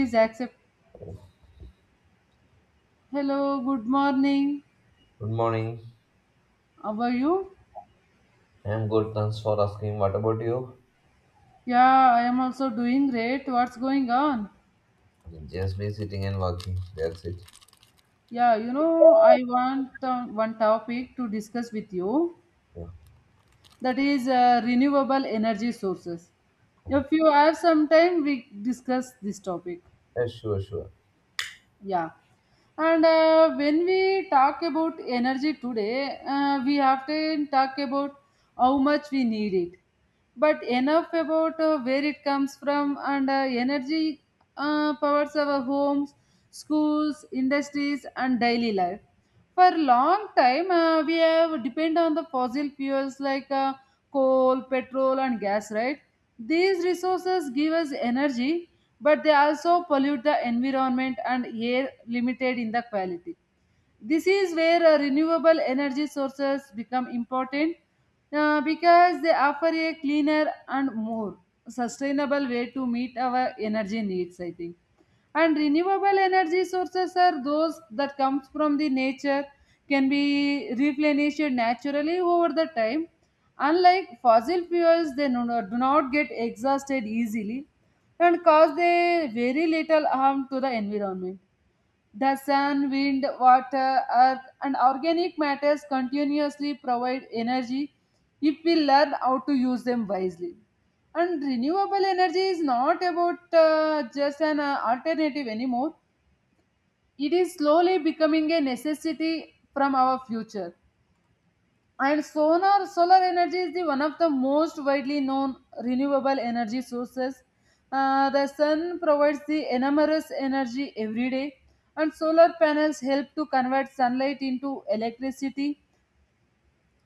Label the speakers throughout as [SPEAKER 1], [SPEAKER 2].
[SPEAKER 1] Please accept. Hello, good morning.
[SPEAKER 2] Good morning.
[SPEAKER 1] How are you?
[SPEAKER 2] I'm good. Thanks for asking. What about you?
[SPEAKER 1] Yeah, I am also doing great. What's going on?
[SPEAKER 2] Just be sitting and working. That's it.
[SPEAKER 1] I want one topic to discuss with you
[SPEAKER 2] Yeah.
[SPEAKER 1] that is renewable energy sources. If
[SPEAKER 2] Okay.
[SPEAKER 1] you have some time, we discuss this topic.
[SPEAKER 2] Yeah, sure, sure.
[SPEAKER 1] Yeah. And when we talk about energy today, we often talk about how much we need it. But enough about where it comes from, and energy powers our homes, schools, industries, and daily life. For long time, we have depend on the fossil fuels like coal, petrol, and gas, right? These resources give us energy, but they also pollute the environment and air, limited in the quality. This is where renewable energy sources become important, because they offer a cleaner and more sustainable way to meet our energy needs, I think. And renewable energy sources are those that comes from the nature, can be replenished naturally over the time. Unlike fossil fuels, they do not get exhausted easily and cause a very little harm to the environment. The sun, wind, water, earth, and organic matters continuously provide energy if we learn how to use them wisely. And renewable energy is not about just an alternative anymore, it is slowly becoming a necessity from our future. And solar energy is the one of the most widely known renewable energy sources. The sun provides the enormous energy every day, and solar panels help to convert sunlight into electricity.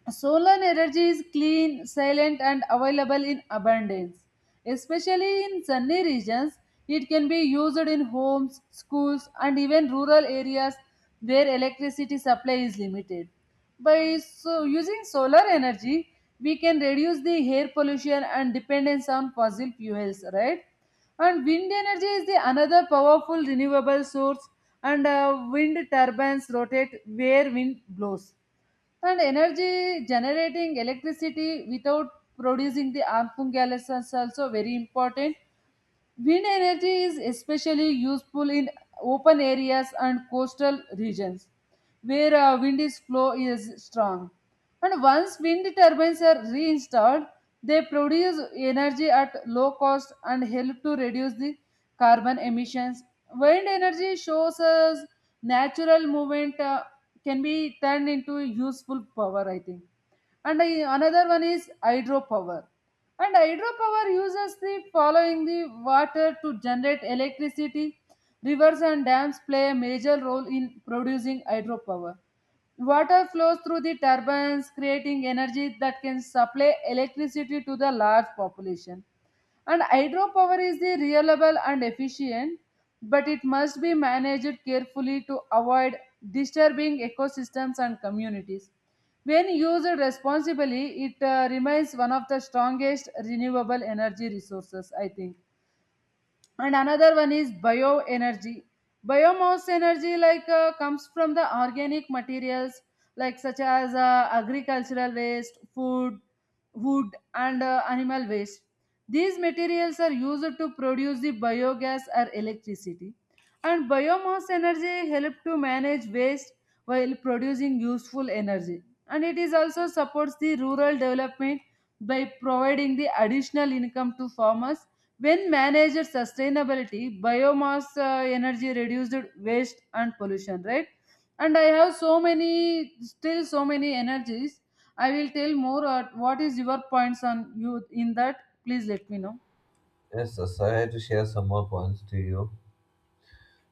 [SPEAKER 1] Solar energy is clean, silent, and available in abundance. Especially in sunny regions, it can be used in homes, schools, and even rural areas where electricity supply is limited. By so using solar energy, we can reduce the air pollution and dependence on fossil fuels, right? And wind energy is the another powerful renewable source, and wind turbines rotate where wind blows and energy generating electricity without producing the Ampung gas is also very important. Wind energy is especially useful in open areas and coastal regions where wind is flow is strong. And once wind turbines are reinstalled, they produce energy at low cost and help to reduce the carbon emissions. Wind energy shows us natural movement can be turned into useful power, I think. And I, another one is hydropower, and hydropower uses the following the water to generate electricity. Rivers and dams play a major role in producing hydropower. Water flows through the turbines, creating energy that can supply electricity to the large population. And hydropower is the reliable and efficient, but it must be managed carefully to avoid disturbing ecosystems and communities. When used responsibly, it remains one of the strongest renewable energy resources, I think. And another one is bioenergy. Biomass energy like comes from the organic materials like such as agricultural waste, food, wood, and animal waste. These materials are used to produce the biogas or electricity, and biomass energy help to manage waste while producing useful energy, and it is also supports the rural development by providing the additional income to farmers. When managed sustainability, biomass energy reduced waste and pollution, right? And I have so many, still so many energies. I will tell more. What is your points on you in that? Please let me know.
[SPEAKER 2] Yes, yes, I had to share some more points to you.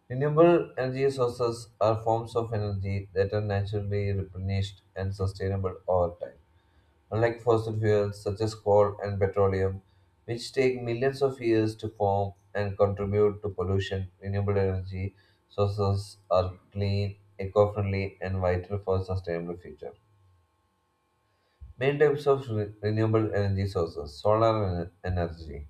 [SPEAKER 2] Renewable energy sources are forms of energy that are naturally replenished and sustainable over time. Unlike fossil fuels such as coal and petroleum, which take millions of years to form and contribute to pollution, renewable energy sources are clean, eco-friendly, and vital for a sustainable future. Main types of renewable energy sources: energy.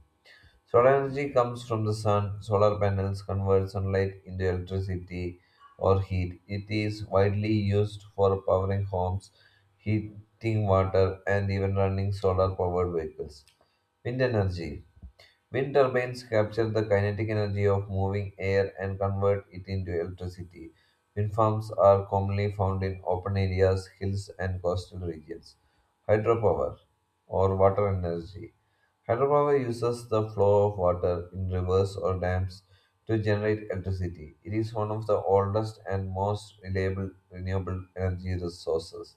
[SPEAKER 2] Solar energy comes from the sun. Solar panels convert sunlight into electricity or heat. It is widely used for powering homes, heating water, and even running solar powered vehicles. Wind energy. Wind turbines capture the kinetic energy of moving air and convert it into electricity. Wind farms are commonly found in open areas, hills, and coastal regions. Hydropower or water energy. Hydropower uses the flow of water in rivers or dams to generate electricity. It is one of the oldest and most reliable renewable energy resources.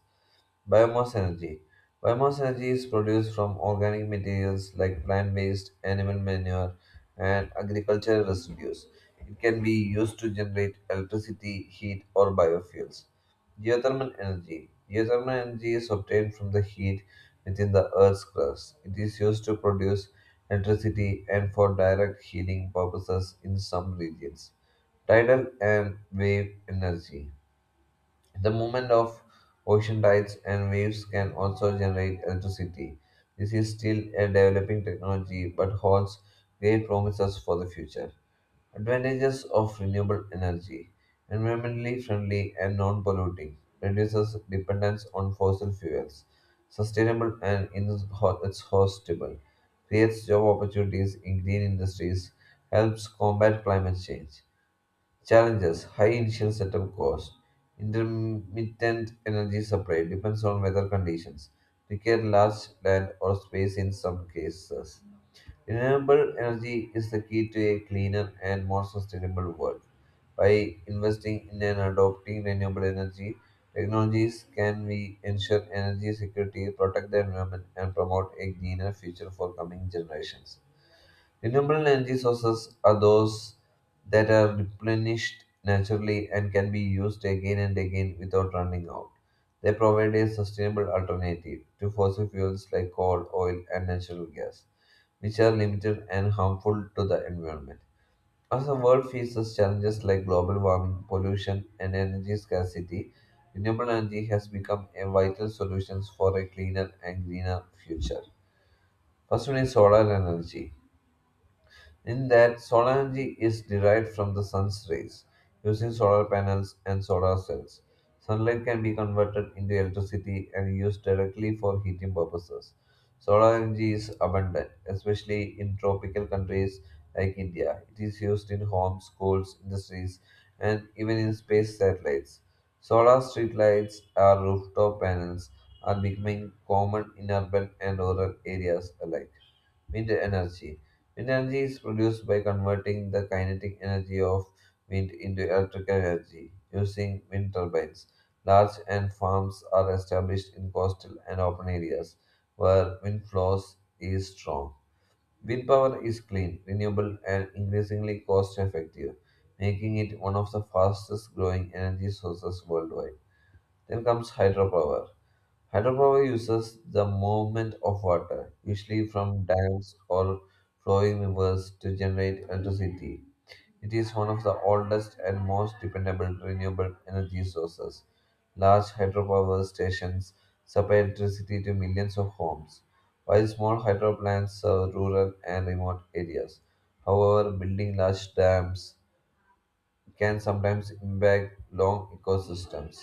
[SPEAKER 2] Biomass energy. Biomass energy is produced from organic materials like plant waste, animal manure, and agricultural residues. It can be used to generate electricity, heat, or biofuels. Geothermal energy. Geothermal energy is obtained from the heat within the Earth's crust. It is used to produce electricity and for direct heating purposes in some regions. Tidal and wave energy. The movement of ocean tides and waves can also generate electricity. This is still a developing technology but holds great promises for the future. Advantages of renewable energy: environmentally friendly and non polluting, reduces dependence on fossil fuels, sustainable and it's hostable, creates job opportunities in green industries, helps combat climate change. Challenges: high initial setup cost. Intermittent energy supply depends on weather conditions. Require large land or space in some cases. Renewable energy is the key to a cleaner and more sustainable world. By investing in and adopting renewable energy technologies, can we ensure energy security, protect the environment, and promote a greener future for coming generations? Renewable energy sources are those that are replenished naturally and can be used again and again without running out. They provide a sustainable alternative to fossil fuels like coal, oil, and natural gas, which are limited and harmful to the environment. As the world faces challenges like global warming, pollution, and energy scarcity, renewable energy has become a vital solution for a cleaner and greener future. First one is solar energy. In that, solar energy is derived from the sun's rays using solar panels and solar cells. Sunlight can be converted into electricity and used directly for heating purposes. Solar energy is abundant, especially in tropical countries like India. It is used in homes, schools, industries, and even in space satellites. Solar streetlights or rooftop panels are becoming common in urban and rural areas alike. Wind energy. Wind energy is produced by converting the kinetic energy of wind into electrical energy using wind turbines. Large and farms are established in coastal and open areas where wind flows is strong. Wind power is clean, renewable, and increasingly cost effective, making it one of the fastest growing energy sources worldwide. Then comes hydropower. Hydropower uses the movement of water, usually from dams or flowing rivers, to generate electricity. It is one of the oldest and most dependable renewable energy sources. Large hydropower stations supply electricity to millions of homes, while small hydro plants serve rural and remote areas. However, building large dams can sometimes impact long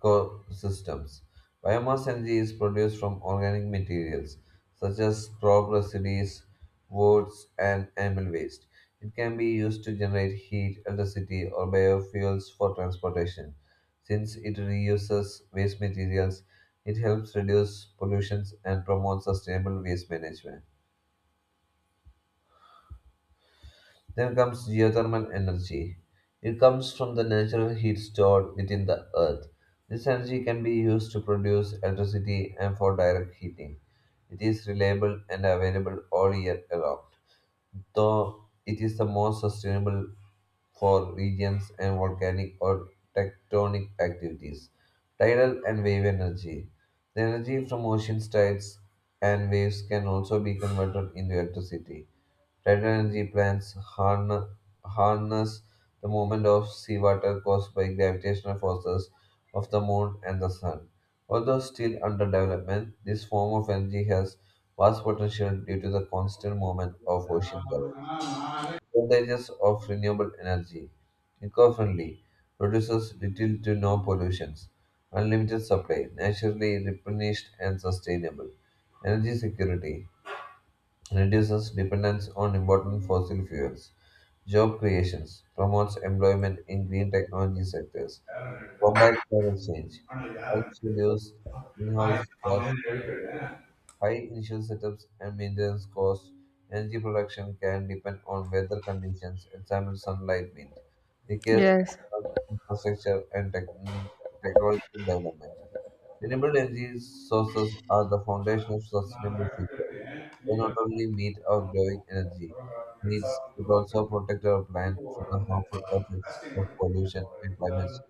[SPEAKER 2] ecosystems. Biomass energy is produced from organic materials such as crop residues, woods, and animal waste. It can be used to generate heat, electricity, or biofuels for transportation. Since it reuses waste materials, it helps reduce pollution and promotes sustainable waste management. Then comes geothermal energy. It comes from the natural heat stored within the earth. This energy can be used to produce electricity and for direct heating. It is reliable and available all year around, though it is the most sustainable for regions and volcanic or tectonic activities. Tidal and wave energy. The energy from ocean tides and waves can also be converted into electricity. Tidal energy plants harness the movement of seawater caused by gravitational forces of the moon and the sun. Although still under development, this form of energy has vast potential due to the constant movement of ocean currents. Advantages of renewable energy. Eco-friendly, produces little to no pollutions, unlimited supply, naturally replenished and sustainable. Energy security reduces dependence on important fossil fuels, job creations, promotes employment in green technology sectors, combats climate change, helps reduce greenhouse gas, high initial setups and maintenance costs. Energy production can depend on weather conditions, example sunlight, wind, requires
[SPEAKER 1] Yes.
[SPEAKER 2] infrastructure and technological development. Renewable energy sources are the foundation of sustainable future. They not only meet our growing energy needs, but also protect our planet from the harmful effects of pollution and climate change.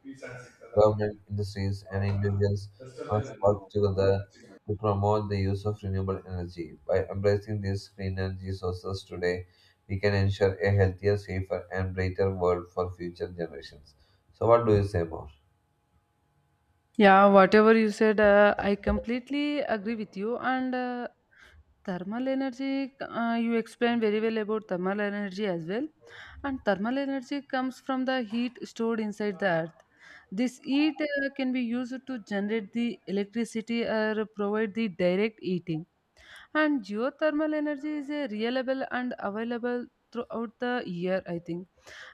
[SPEAKER 2] Government, industries, and individuals must work together to promote the use of renewable energy. By embracing these clean energy sources today, we can ensure a healthier, safer, and brighter world for future generations. So, what do you say more?
[SPEAKER 1] Yeah, whatever you said, I completely agree with you. And thermal energy, you explained very well about thermal energy as well. And thermal energy comes from the heat stored inside the earth. This heat can be used to generate the electricity or provide the direct heating. And geothermal energy is a reliable and available throughout the year, I think.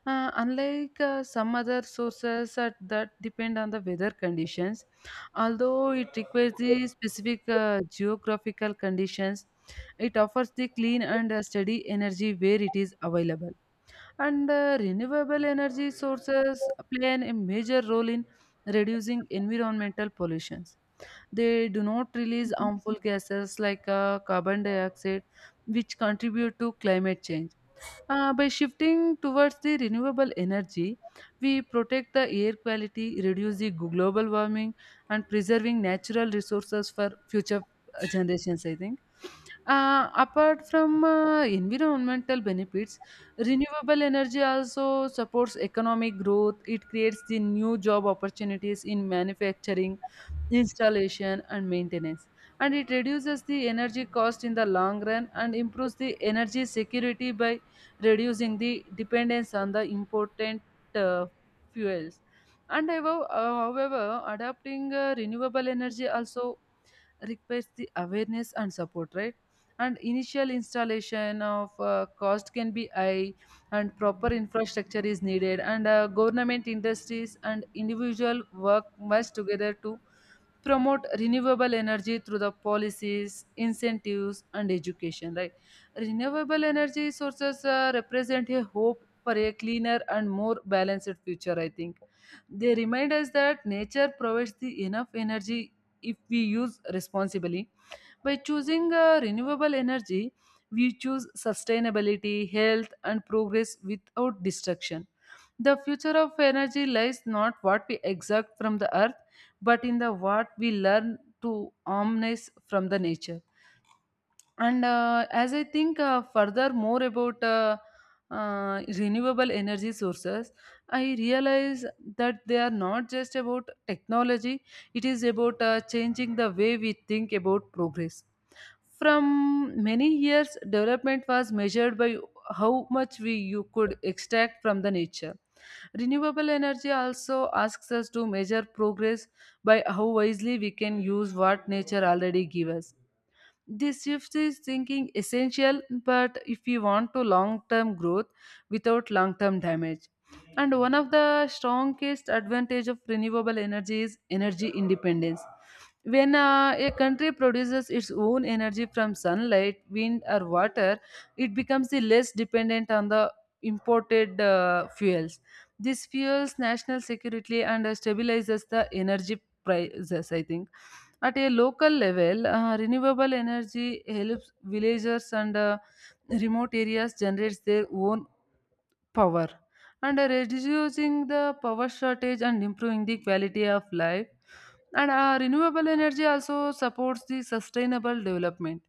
[SPEAKER 1] Unlike some other sources that depend on the weather conditions, although it requires the specific geographical conditions, it offers the clean and steady energy where it is available. And renewable energy sources a major role in reducing environmental pollution. They do not release harmful gases like carbon dioxide, which contribute to climate change. By shifting towards the renewable energy, we protect the air quality, reduce the global warming, and preserving natural resources for future generations. I think. Apart from environmental benefits, renewable energy also supports economic growth. It creates the new job opportunities in manufacturing, installation, and maintenance, and it reduces the energy cost in the long run and improves the energy security by reducing the dependence on the important uh, fuels. And above, however, adapting renewable energy also requires the awareness and support, right? And initial installation of cost can be high, and proper infrastructure is needed, and government, industries, and individual work much together to promote renewable energy through the policies, incentives, and education, right? Renewable energy sources represent a hope for a cleaner and more balanced future, I think. They remind us that nature provides the enough energy if we use responsibly. By choosing renewable energy, we choose sustainability, health, and progress without destruction. The future of energy lies not what we exact from the earth, but in the what we learn to harness from the nature. And as I think further more about renewable energy sources, I realize that they are not just about technology, it is about changing the way we think about progress. From many years, development was measured by how much we you could extract from the nature. Renewable energy also asks us to measure progress by how wisely we can use what nature already gives us. This shift is thinking essential, but if you want to long term growth without long term damage. And one of the strongest advantage of renewable energy is energy independence. When a country produces its own energy from sunlight, wind, or water, it becomes the less dependent on the imported fuels. This fuels national security and stabilizes the energy prices, I think. At a local level, renewable energy helps villagers and remote areas generate their own power, and reducing the power shortage and improving the quality of life. And renewable energy also supports the sustainable development.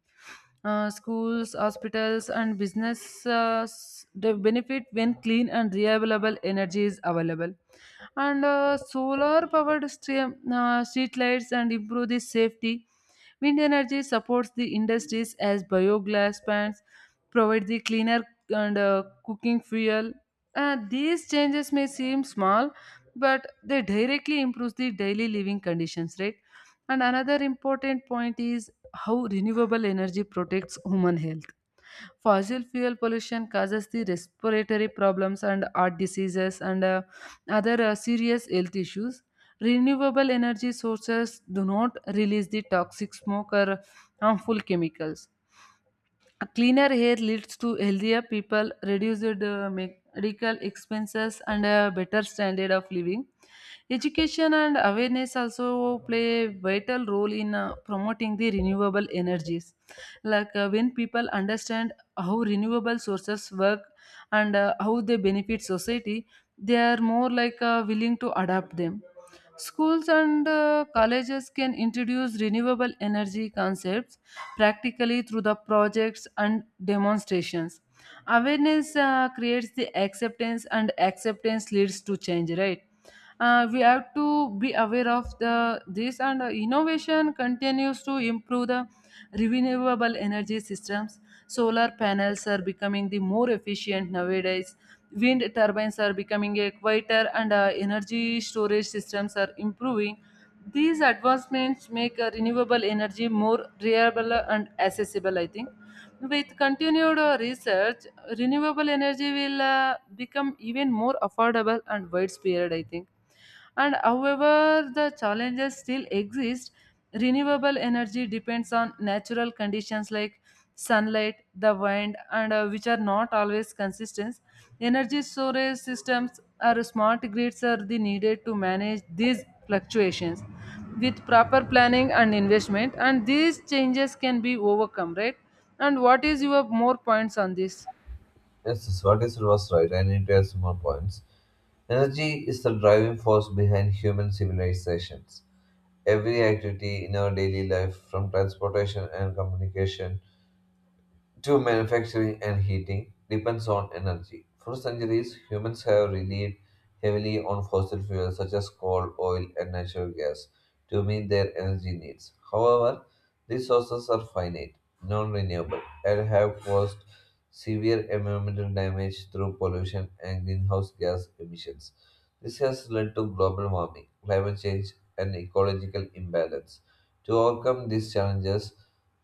[SPEAKER 1] Uh, schools, hospitals, and businesses they benefit when clean and reliable energy is available. And solar powered street lights and improve the safety. Wind energy supports the industries as bioglass plants provide the cleaner and cooking fuel. These changes may seem small, but they directly improve the daily living conditions, right? And another important point is how renewable energy protects human health. Fossil fuel pollution causes the respiratory problems and heart diseases and other serious health issues. Renewable energy sources do not release the toxic smoke or harmful chemicals. A cleaner hair leads to healthier people, reduced medical expenses, and a better standard of living. Education and awareness also play a vital role in promoting the renewable energies. Like when people understand how renewable sources work and how they benefit society, they are more like willing to adapt them. Schools and colleges can introduce renewable energy concepts practically through the projects and demonstrations. Awareness creates the acceptance, and acceptance leads to change, right? We have to be aware of the this, and innovation continues to improve the renewable energy systems. Solar panels are becoming the more efficient nowadays. Wind turbines are becoming a quieter, and energy storage systems are improving. These advancements make renewable energy more reliable and accessible, I think. With continued research, renewable energy will become even more affordable and widespread, I think. And however, the challenges still exist. Renewable energy depends on natural conditions like sunlight, the wind, and which are not always consistent. Energy storage systems or smart grids are the needed to manage these fluctuations with proper planning and investment, and these changes can be overcome, right? And what is your more points on this?
[SPEAKER 2] Yes, yes, what is it was right. I need to add some more points. Energy is the driving force behind human civilizations. Every activity in our daily life, from transportation and communication to manufacturing and heating depends on energy. For centuries, humans have relied heavily on fossil fuels such as coal, oil, and natural gas to meet their energy needs. However, these sources are finite, non renewable, and have caused severe environmental damage through pollution and greenhouse gas emissions. This has led to global warming, climate change, and ecological imbalance. To overcome these challenges,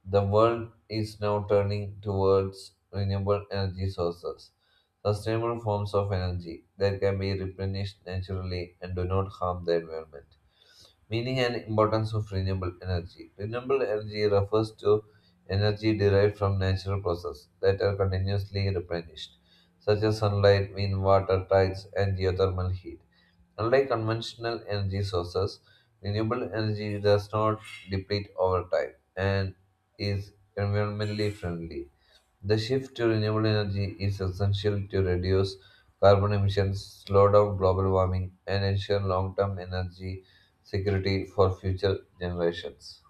[SPEAKER 2] the world is now turning towards renewable energy sources, sustainable forms of energy that can be replenished naturally and do not harm the environment. Meaning and importance of renewable energy. Renewable energy refers to energy derived from natural processes that are continuously replenished, such as sunlight, wind, water, tides, and geothermal heat. Unlike conventional energy sources, renewable energy does not deplete over time and is environmentally friendly. The shift to renewable energy is essential to reduce carbon emissions, slow down global warming, and ensure long term energy security for future generations.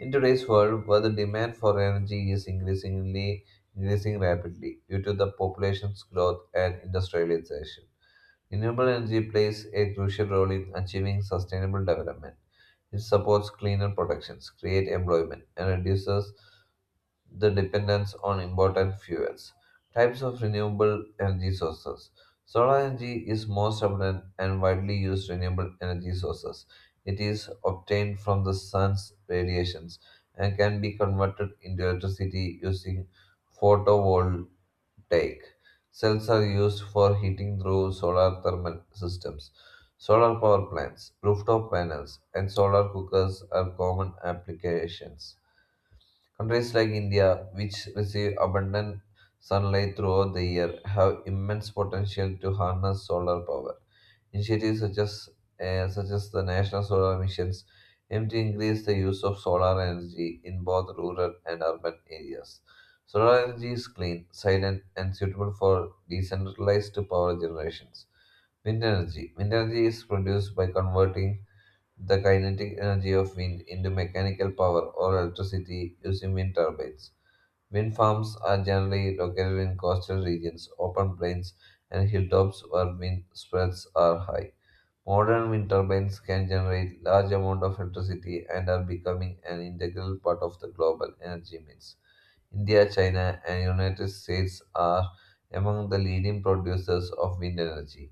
[SPEAKER 2] In today's world, where the demand for energy is increasing rapidly due to the population's growth and industrialization. Renewable energy plays a crucial role in achieving sustainable development. It supports cleaner productions, creates employment, and reduces the dependence on imported fuels. Types of renewable energy sources. Solar energy is most abundant and widely used renewable energy sources. It is obtained from the sun's radiations and can be converted into electricity using photovoltaic photovoltaic cells are used for heating through solar thermal systems. Solar power plants, rooftop panels, and solar cookers are common applications. Countries like India, which receive abundant sunlight throughout the year, have immense potential to harness solar power. Initiatives such as the National Solar Missions aim to increase the use of solar energy in both rural and urban areas. Solar energy is clean, silent, and suitable for decentralized power generations. Wind energy. Wind energy is produced by converting the kinetic energy of wind into mechanical power or electricity using wind turbines. Wind farms are generally located in coastal regions, open plains, and hilltops where wind spreads are high. Modern wind turbines can generate large amounts of electricity and are becoming an integral part of the global energy mix. India, China, and United States are among the leading producers of wind energy.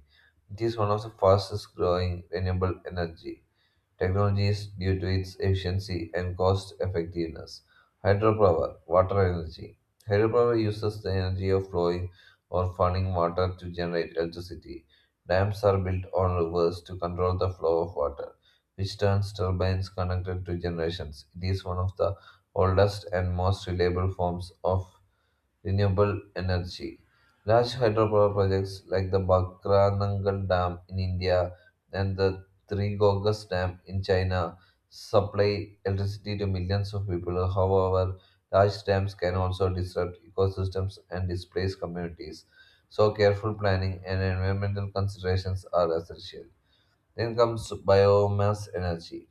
[SPEAKER 2] It is one of the fastest growing renewable energy technologies due to its efficiency and cost effectiveness. Hydropower, water energy. Hydropower uses the energy of flowing or falling water to generate electricity. Dams are built on rivers to control the flow of water, which turns turbines connected to generations. It is one of the oldest and most reliable forms of renewable energy. Large hydropower projects like the Bakranangal Dam in India and the Three Gorges Dam in China supply electricity to millions of people. However, large dams can also disrupt ecosystems and displace communities. So, careful planning and environmental considerations are essential. Then comes biomass energy.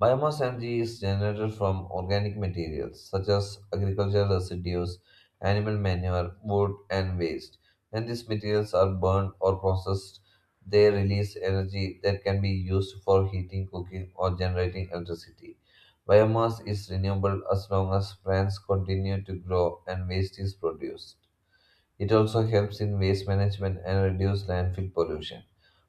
[SPEAKER 2] Biomass energy is generated from organic materials such as agricultural residues, animal manure, wood, and waste. When these materials are burned or processed, they release energy that can be used for heating, cooking, or generating electricity. Biomass is renewable as long as plants continue to grow and waste is produced. It also helps in waste management and reduce landfill pollution.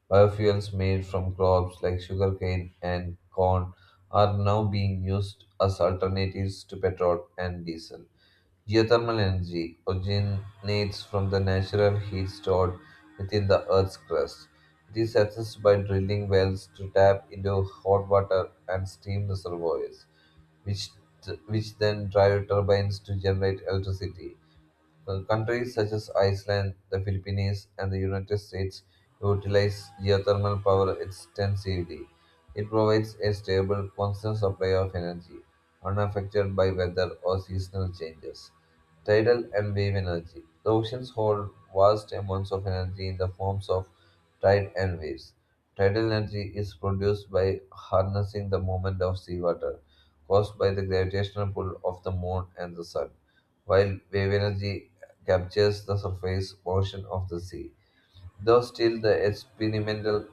[SPEAKER 2] Biofuels made from crops like sugarcane and corn are now being used as alternatives to petrol and diesel. Geothermal energy originates from the natural heat stored within the Earth's crust. It is accessed by drilling wells to tap into hot water and steam reservoirs, which, which then drive turbines to generate electricity. Countries such as Iceland, the Philippines, and the United States utilize geothermal power extensively. It provides a stable, constant supply of energy, unaffected by weather or seasonal changes. Tidal and wave energy. The oceans hold vast amounts of energy in the forms of tide and waves. Tidal energy is produced by harnessing the movement of seawater caused by the gravitational pull of the moon and the sun, while wave energy captures the surface portion of the sea. Though still the experimental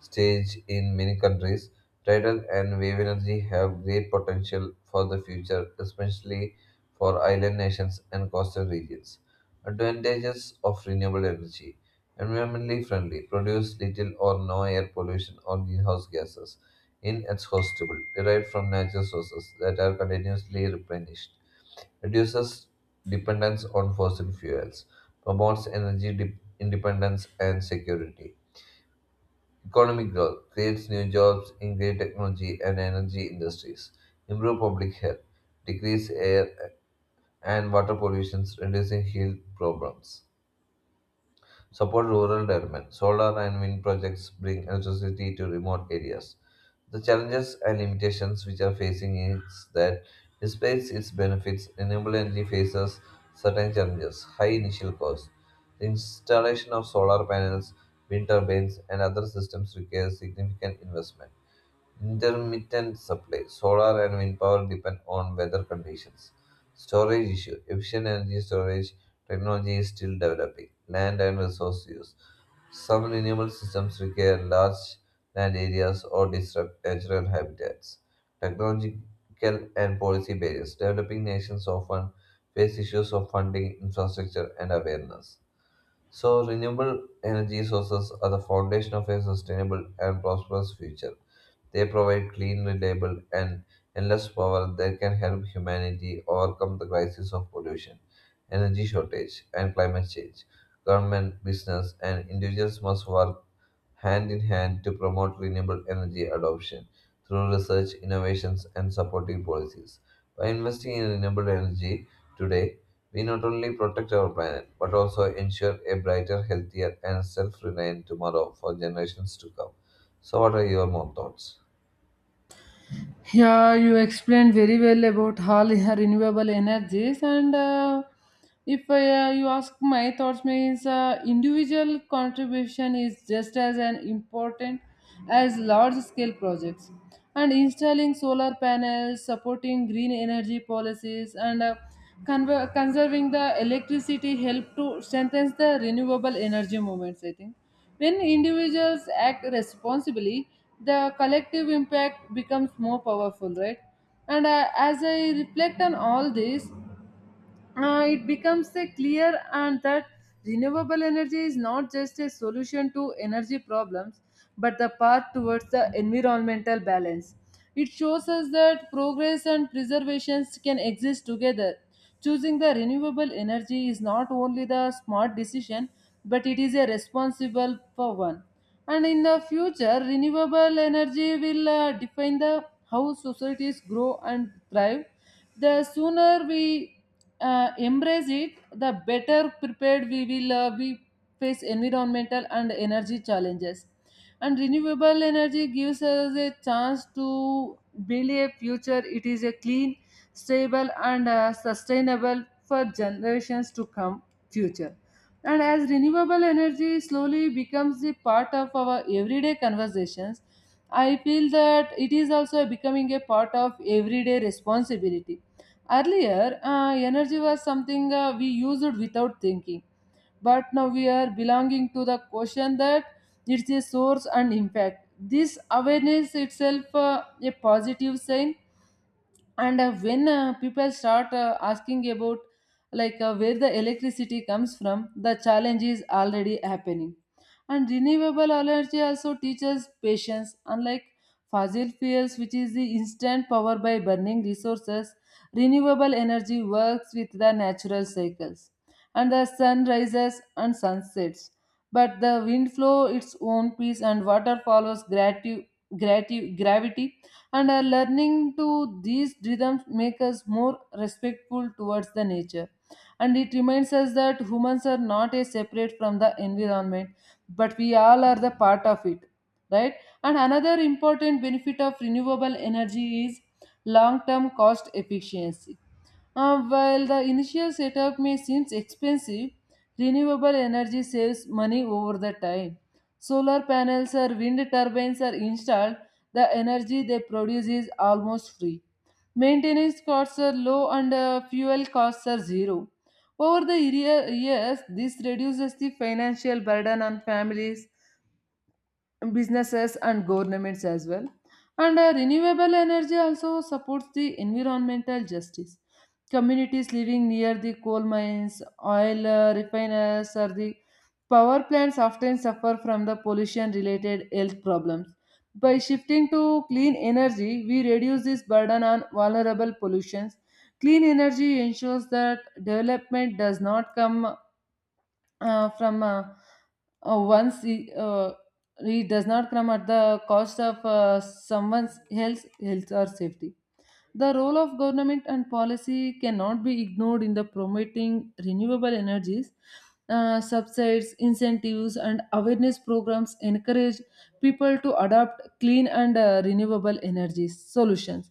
[SPEAKER 2] stage in many countries, tidal and wave energy have great potential for the future, especially for island nations and coastal regions. Advantages of renewable energy: environmentally friendly, produce little or no air pollution or greenhouse gases, inexhaustible, derived from natural sources that are continuously replenished, reduces dependence on fossil fuels, promotes energy independence and security. Economic growth creates new jobs in green technology and energy industries, improve public health, decrease air and water pollution, reducing health problems. Support rural development. Solar and wind projects bring electricity to remote areas. The challenges and limitations which are facing is that despite its benefits, renewable energy faces certain challenges, high initial costs. The installation of solar panels, wind turbines, and other systems requires significant investment. Intermittent supply. Solar and wind power depend on weather conditions. Storage issue. Efficient energy storage technology is still developing. Land and resource use. Some renewable systems require large land areas or disrupt natural habitats. Technological and policy barriers. Developing nations often face issues of funding, infrastructure, and awareness. So, renewable energy sources are the foundation of a sustainable and prosperous future. They provide clean, reliable, and endless power that can help humanity overcome the crisis of pollution, energy shortage, and climate change. Government, business, and individuals must work hand in hand to promote renewable energy adoption through research, innovations, and supporting policies. By investing in renewable energy today, we not only protect our planet but also ensure a brighter, healthier, and self reliant tomorrow for generations to come. So, what are your more thoughts?
[SPEAKER 1] Yeah, you explained very well about all renewable energies, and if you ask my thoughts, means individual contribution is just as an important as large scale projects. And installing solar panels, supporting green energy policies, and conserving the electricity help to strengthen the renewable energy movements, I think. When individuals act responsibly, the collective impact becomes more powerful, right? And As I reflect on all this, it becomes a clear and that renewable energy is not just a solution to energy problems but the path towards the environmental balance. It shows us that progress and preservation can exist together. Choosing the renewable energy is not only the smart decision, but it is a responsible for one. And in the future, renewable energy will define the how societies grow and thrive. The sooner we embrace it, the better prepared we will be face environmental and energy challenges. And renewable energy gives us a chance to build a future. It is a clean, stable, and sustainable for generations to come. Future. And as renewable energy slowly becomes the part of our everyday conversations, I feel that it is also becoming a part of everyday responsibility. Earlier, energy was something we used without thinking, but now we are belonging to the question that it's a source and impact. This awareness itself a positive sign. And when people start asking about like where the electricity comes from, the challenge is already happening. And renewable energy also teaches patience. Unlike fossil fuels, which is the instant power by burning resources, renewable energy works with the natural cycles. And the sun rises and sunsets, but the wind flows its own pace and water follows gravity. And learning to these rhythms make us more respectful towards the nature, and it reminds us that humans are not a separate from the environment, but we all are the part of it, right? And another important benefit of renewable energy is long term cost efficiency. While the initial setup may seem expensive, renewable energy saves money over the time. Solar panels or wind turbines are installed, the energy they produce is almost free. Maintenance costs are low and fuel costs are zero. Over the years, this reduces the financial burden on families, businesses and governments as well. And renewable energy also supports the environmental justice. Communities living near the coal mines, oil refiners, or the power plants often suffer from the pollution related health problems. By shifting to clean energy, we reduce this burden on vulnerable pollutions. Clean energy ensures that development does not come uh, from uh, uh, one's re- uh, read does not come at the cost of someone else's health or safety. The role of government and policy cannot be ignored in the promoting renewable energies. Subsides, incentives, and awareness programs encourage people to adopt clean and renewable energy solutions.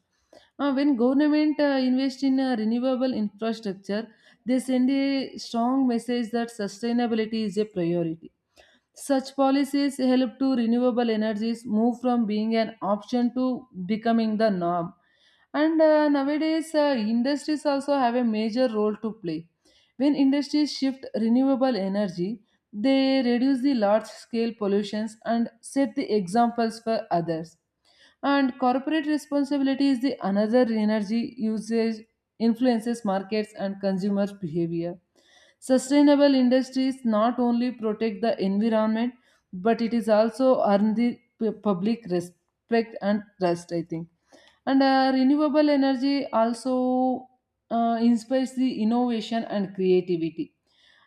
[SPEAKER 1] When government invest in renewable infrastructure, they send a strong message that sustainability is a priority. Such policies help to renewable energies move from being an option to becoming the norm. And nowadays, industries also have a major role to play. When industries shift renewable energy, they reduce the large scale pollutions and set the examples for others. And corporate responsibility is the another energy usage influences markets and consumer behavior. Sustainable industries not only protect the environment, but it is also earn the public respect and trust, I think. And renewable energy also inspires the innovation and creativity.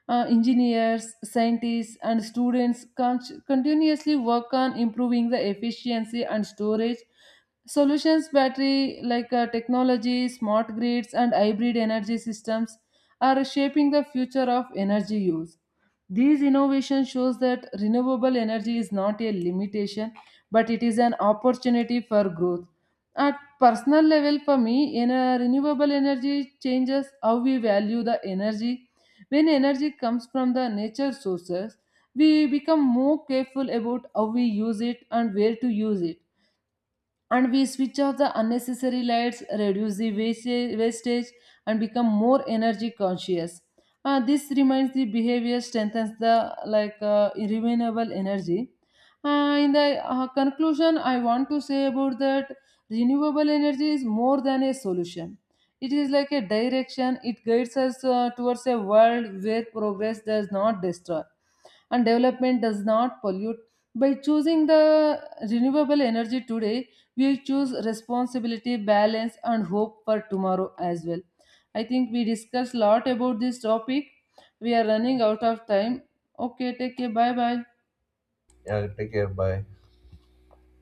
[SPEAKER 1] Engineers, scientists, and students continuously work on improving the efficiency and storage solutions. Battery like technology, smart grids, and hybrid energy systems are shaping the future of energy use. These innovation shows that renewable energy is not a limitation, but it is an opportunity for growth. At personal level, for me, in a renewable energy changes how we value the energy. When energy comes from the nature sources, we become more careful about how we use it and where to use it. And we switch off the unnecessary lights, reduce the wastage, and become more energy conscious. This reminds the behavior strengthens the like renewable energy. In the conclusion, I want to say about that renewable energy is more than a solution. It is like a direction. It guides us towards a world where progress does not destroy and development does not pollute. By choosing the renewable energy today, we choose responsibility, balance, and hope for tomorrow as well. I think we discussed a lot about this topic. We are running out of time. Okay, take care. Bye bye.
[SPEAKER 2] Yeah, take care. Bye.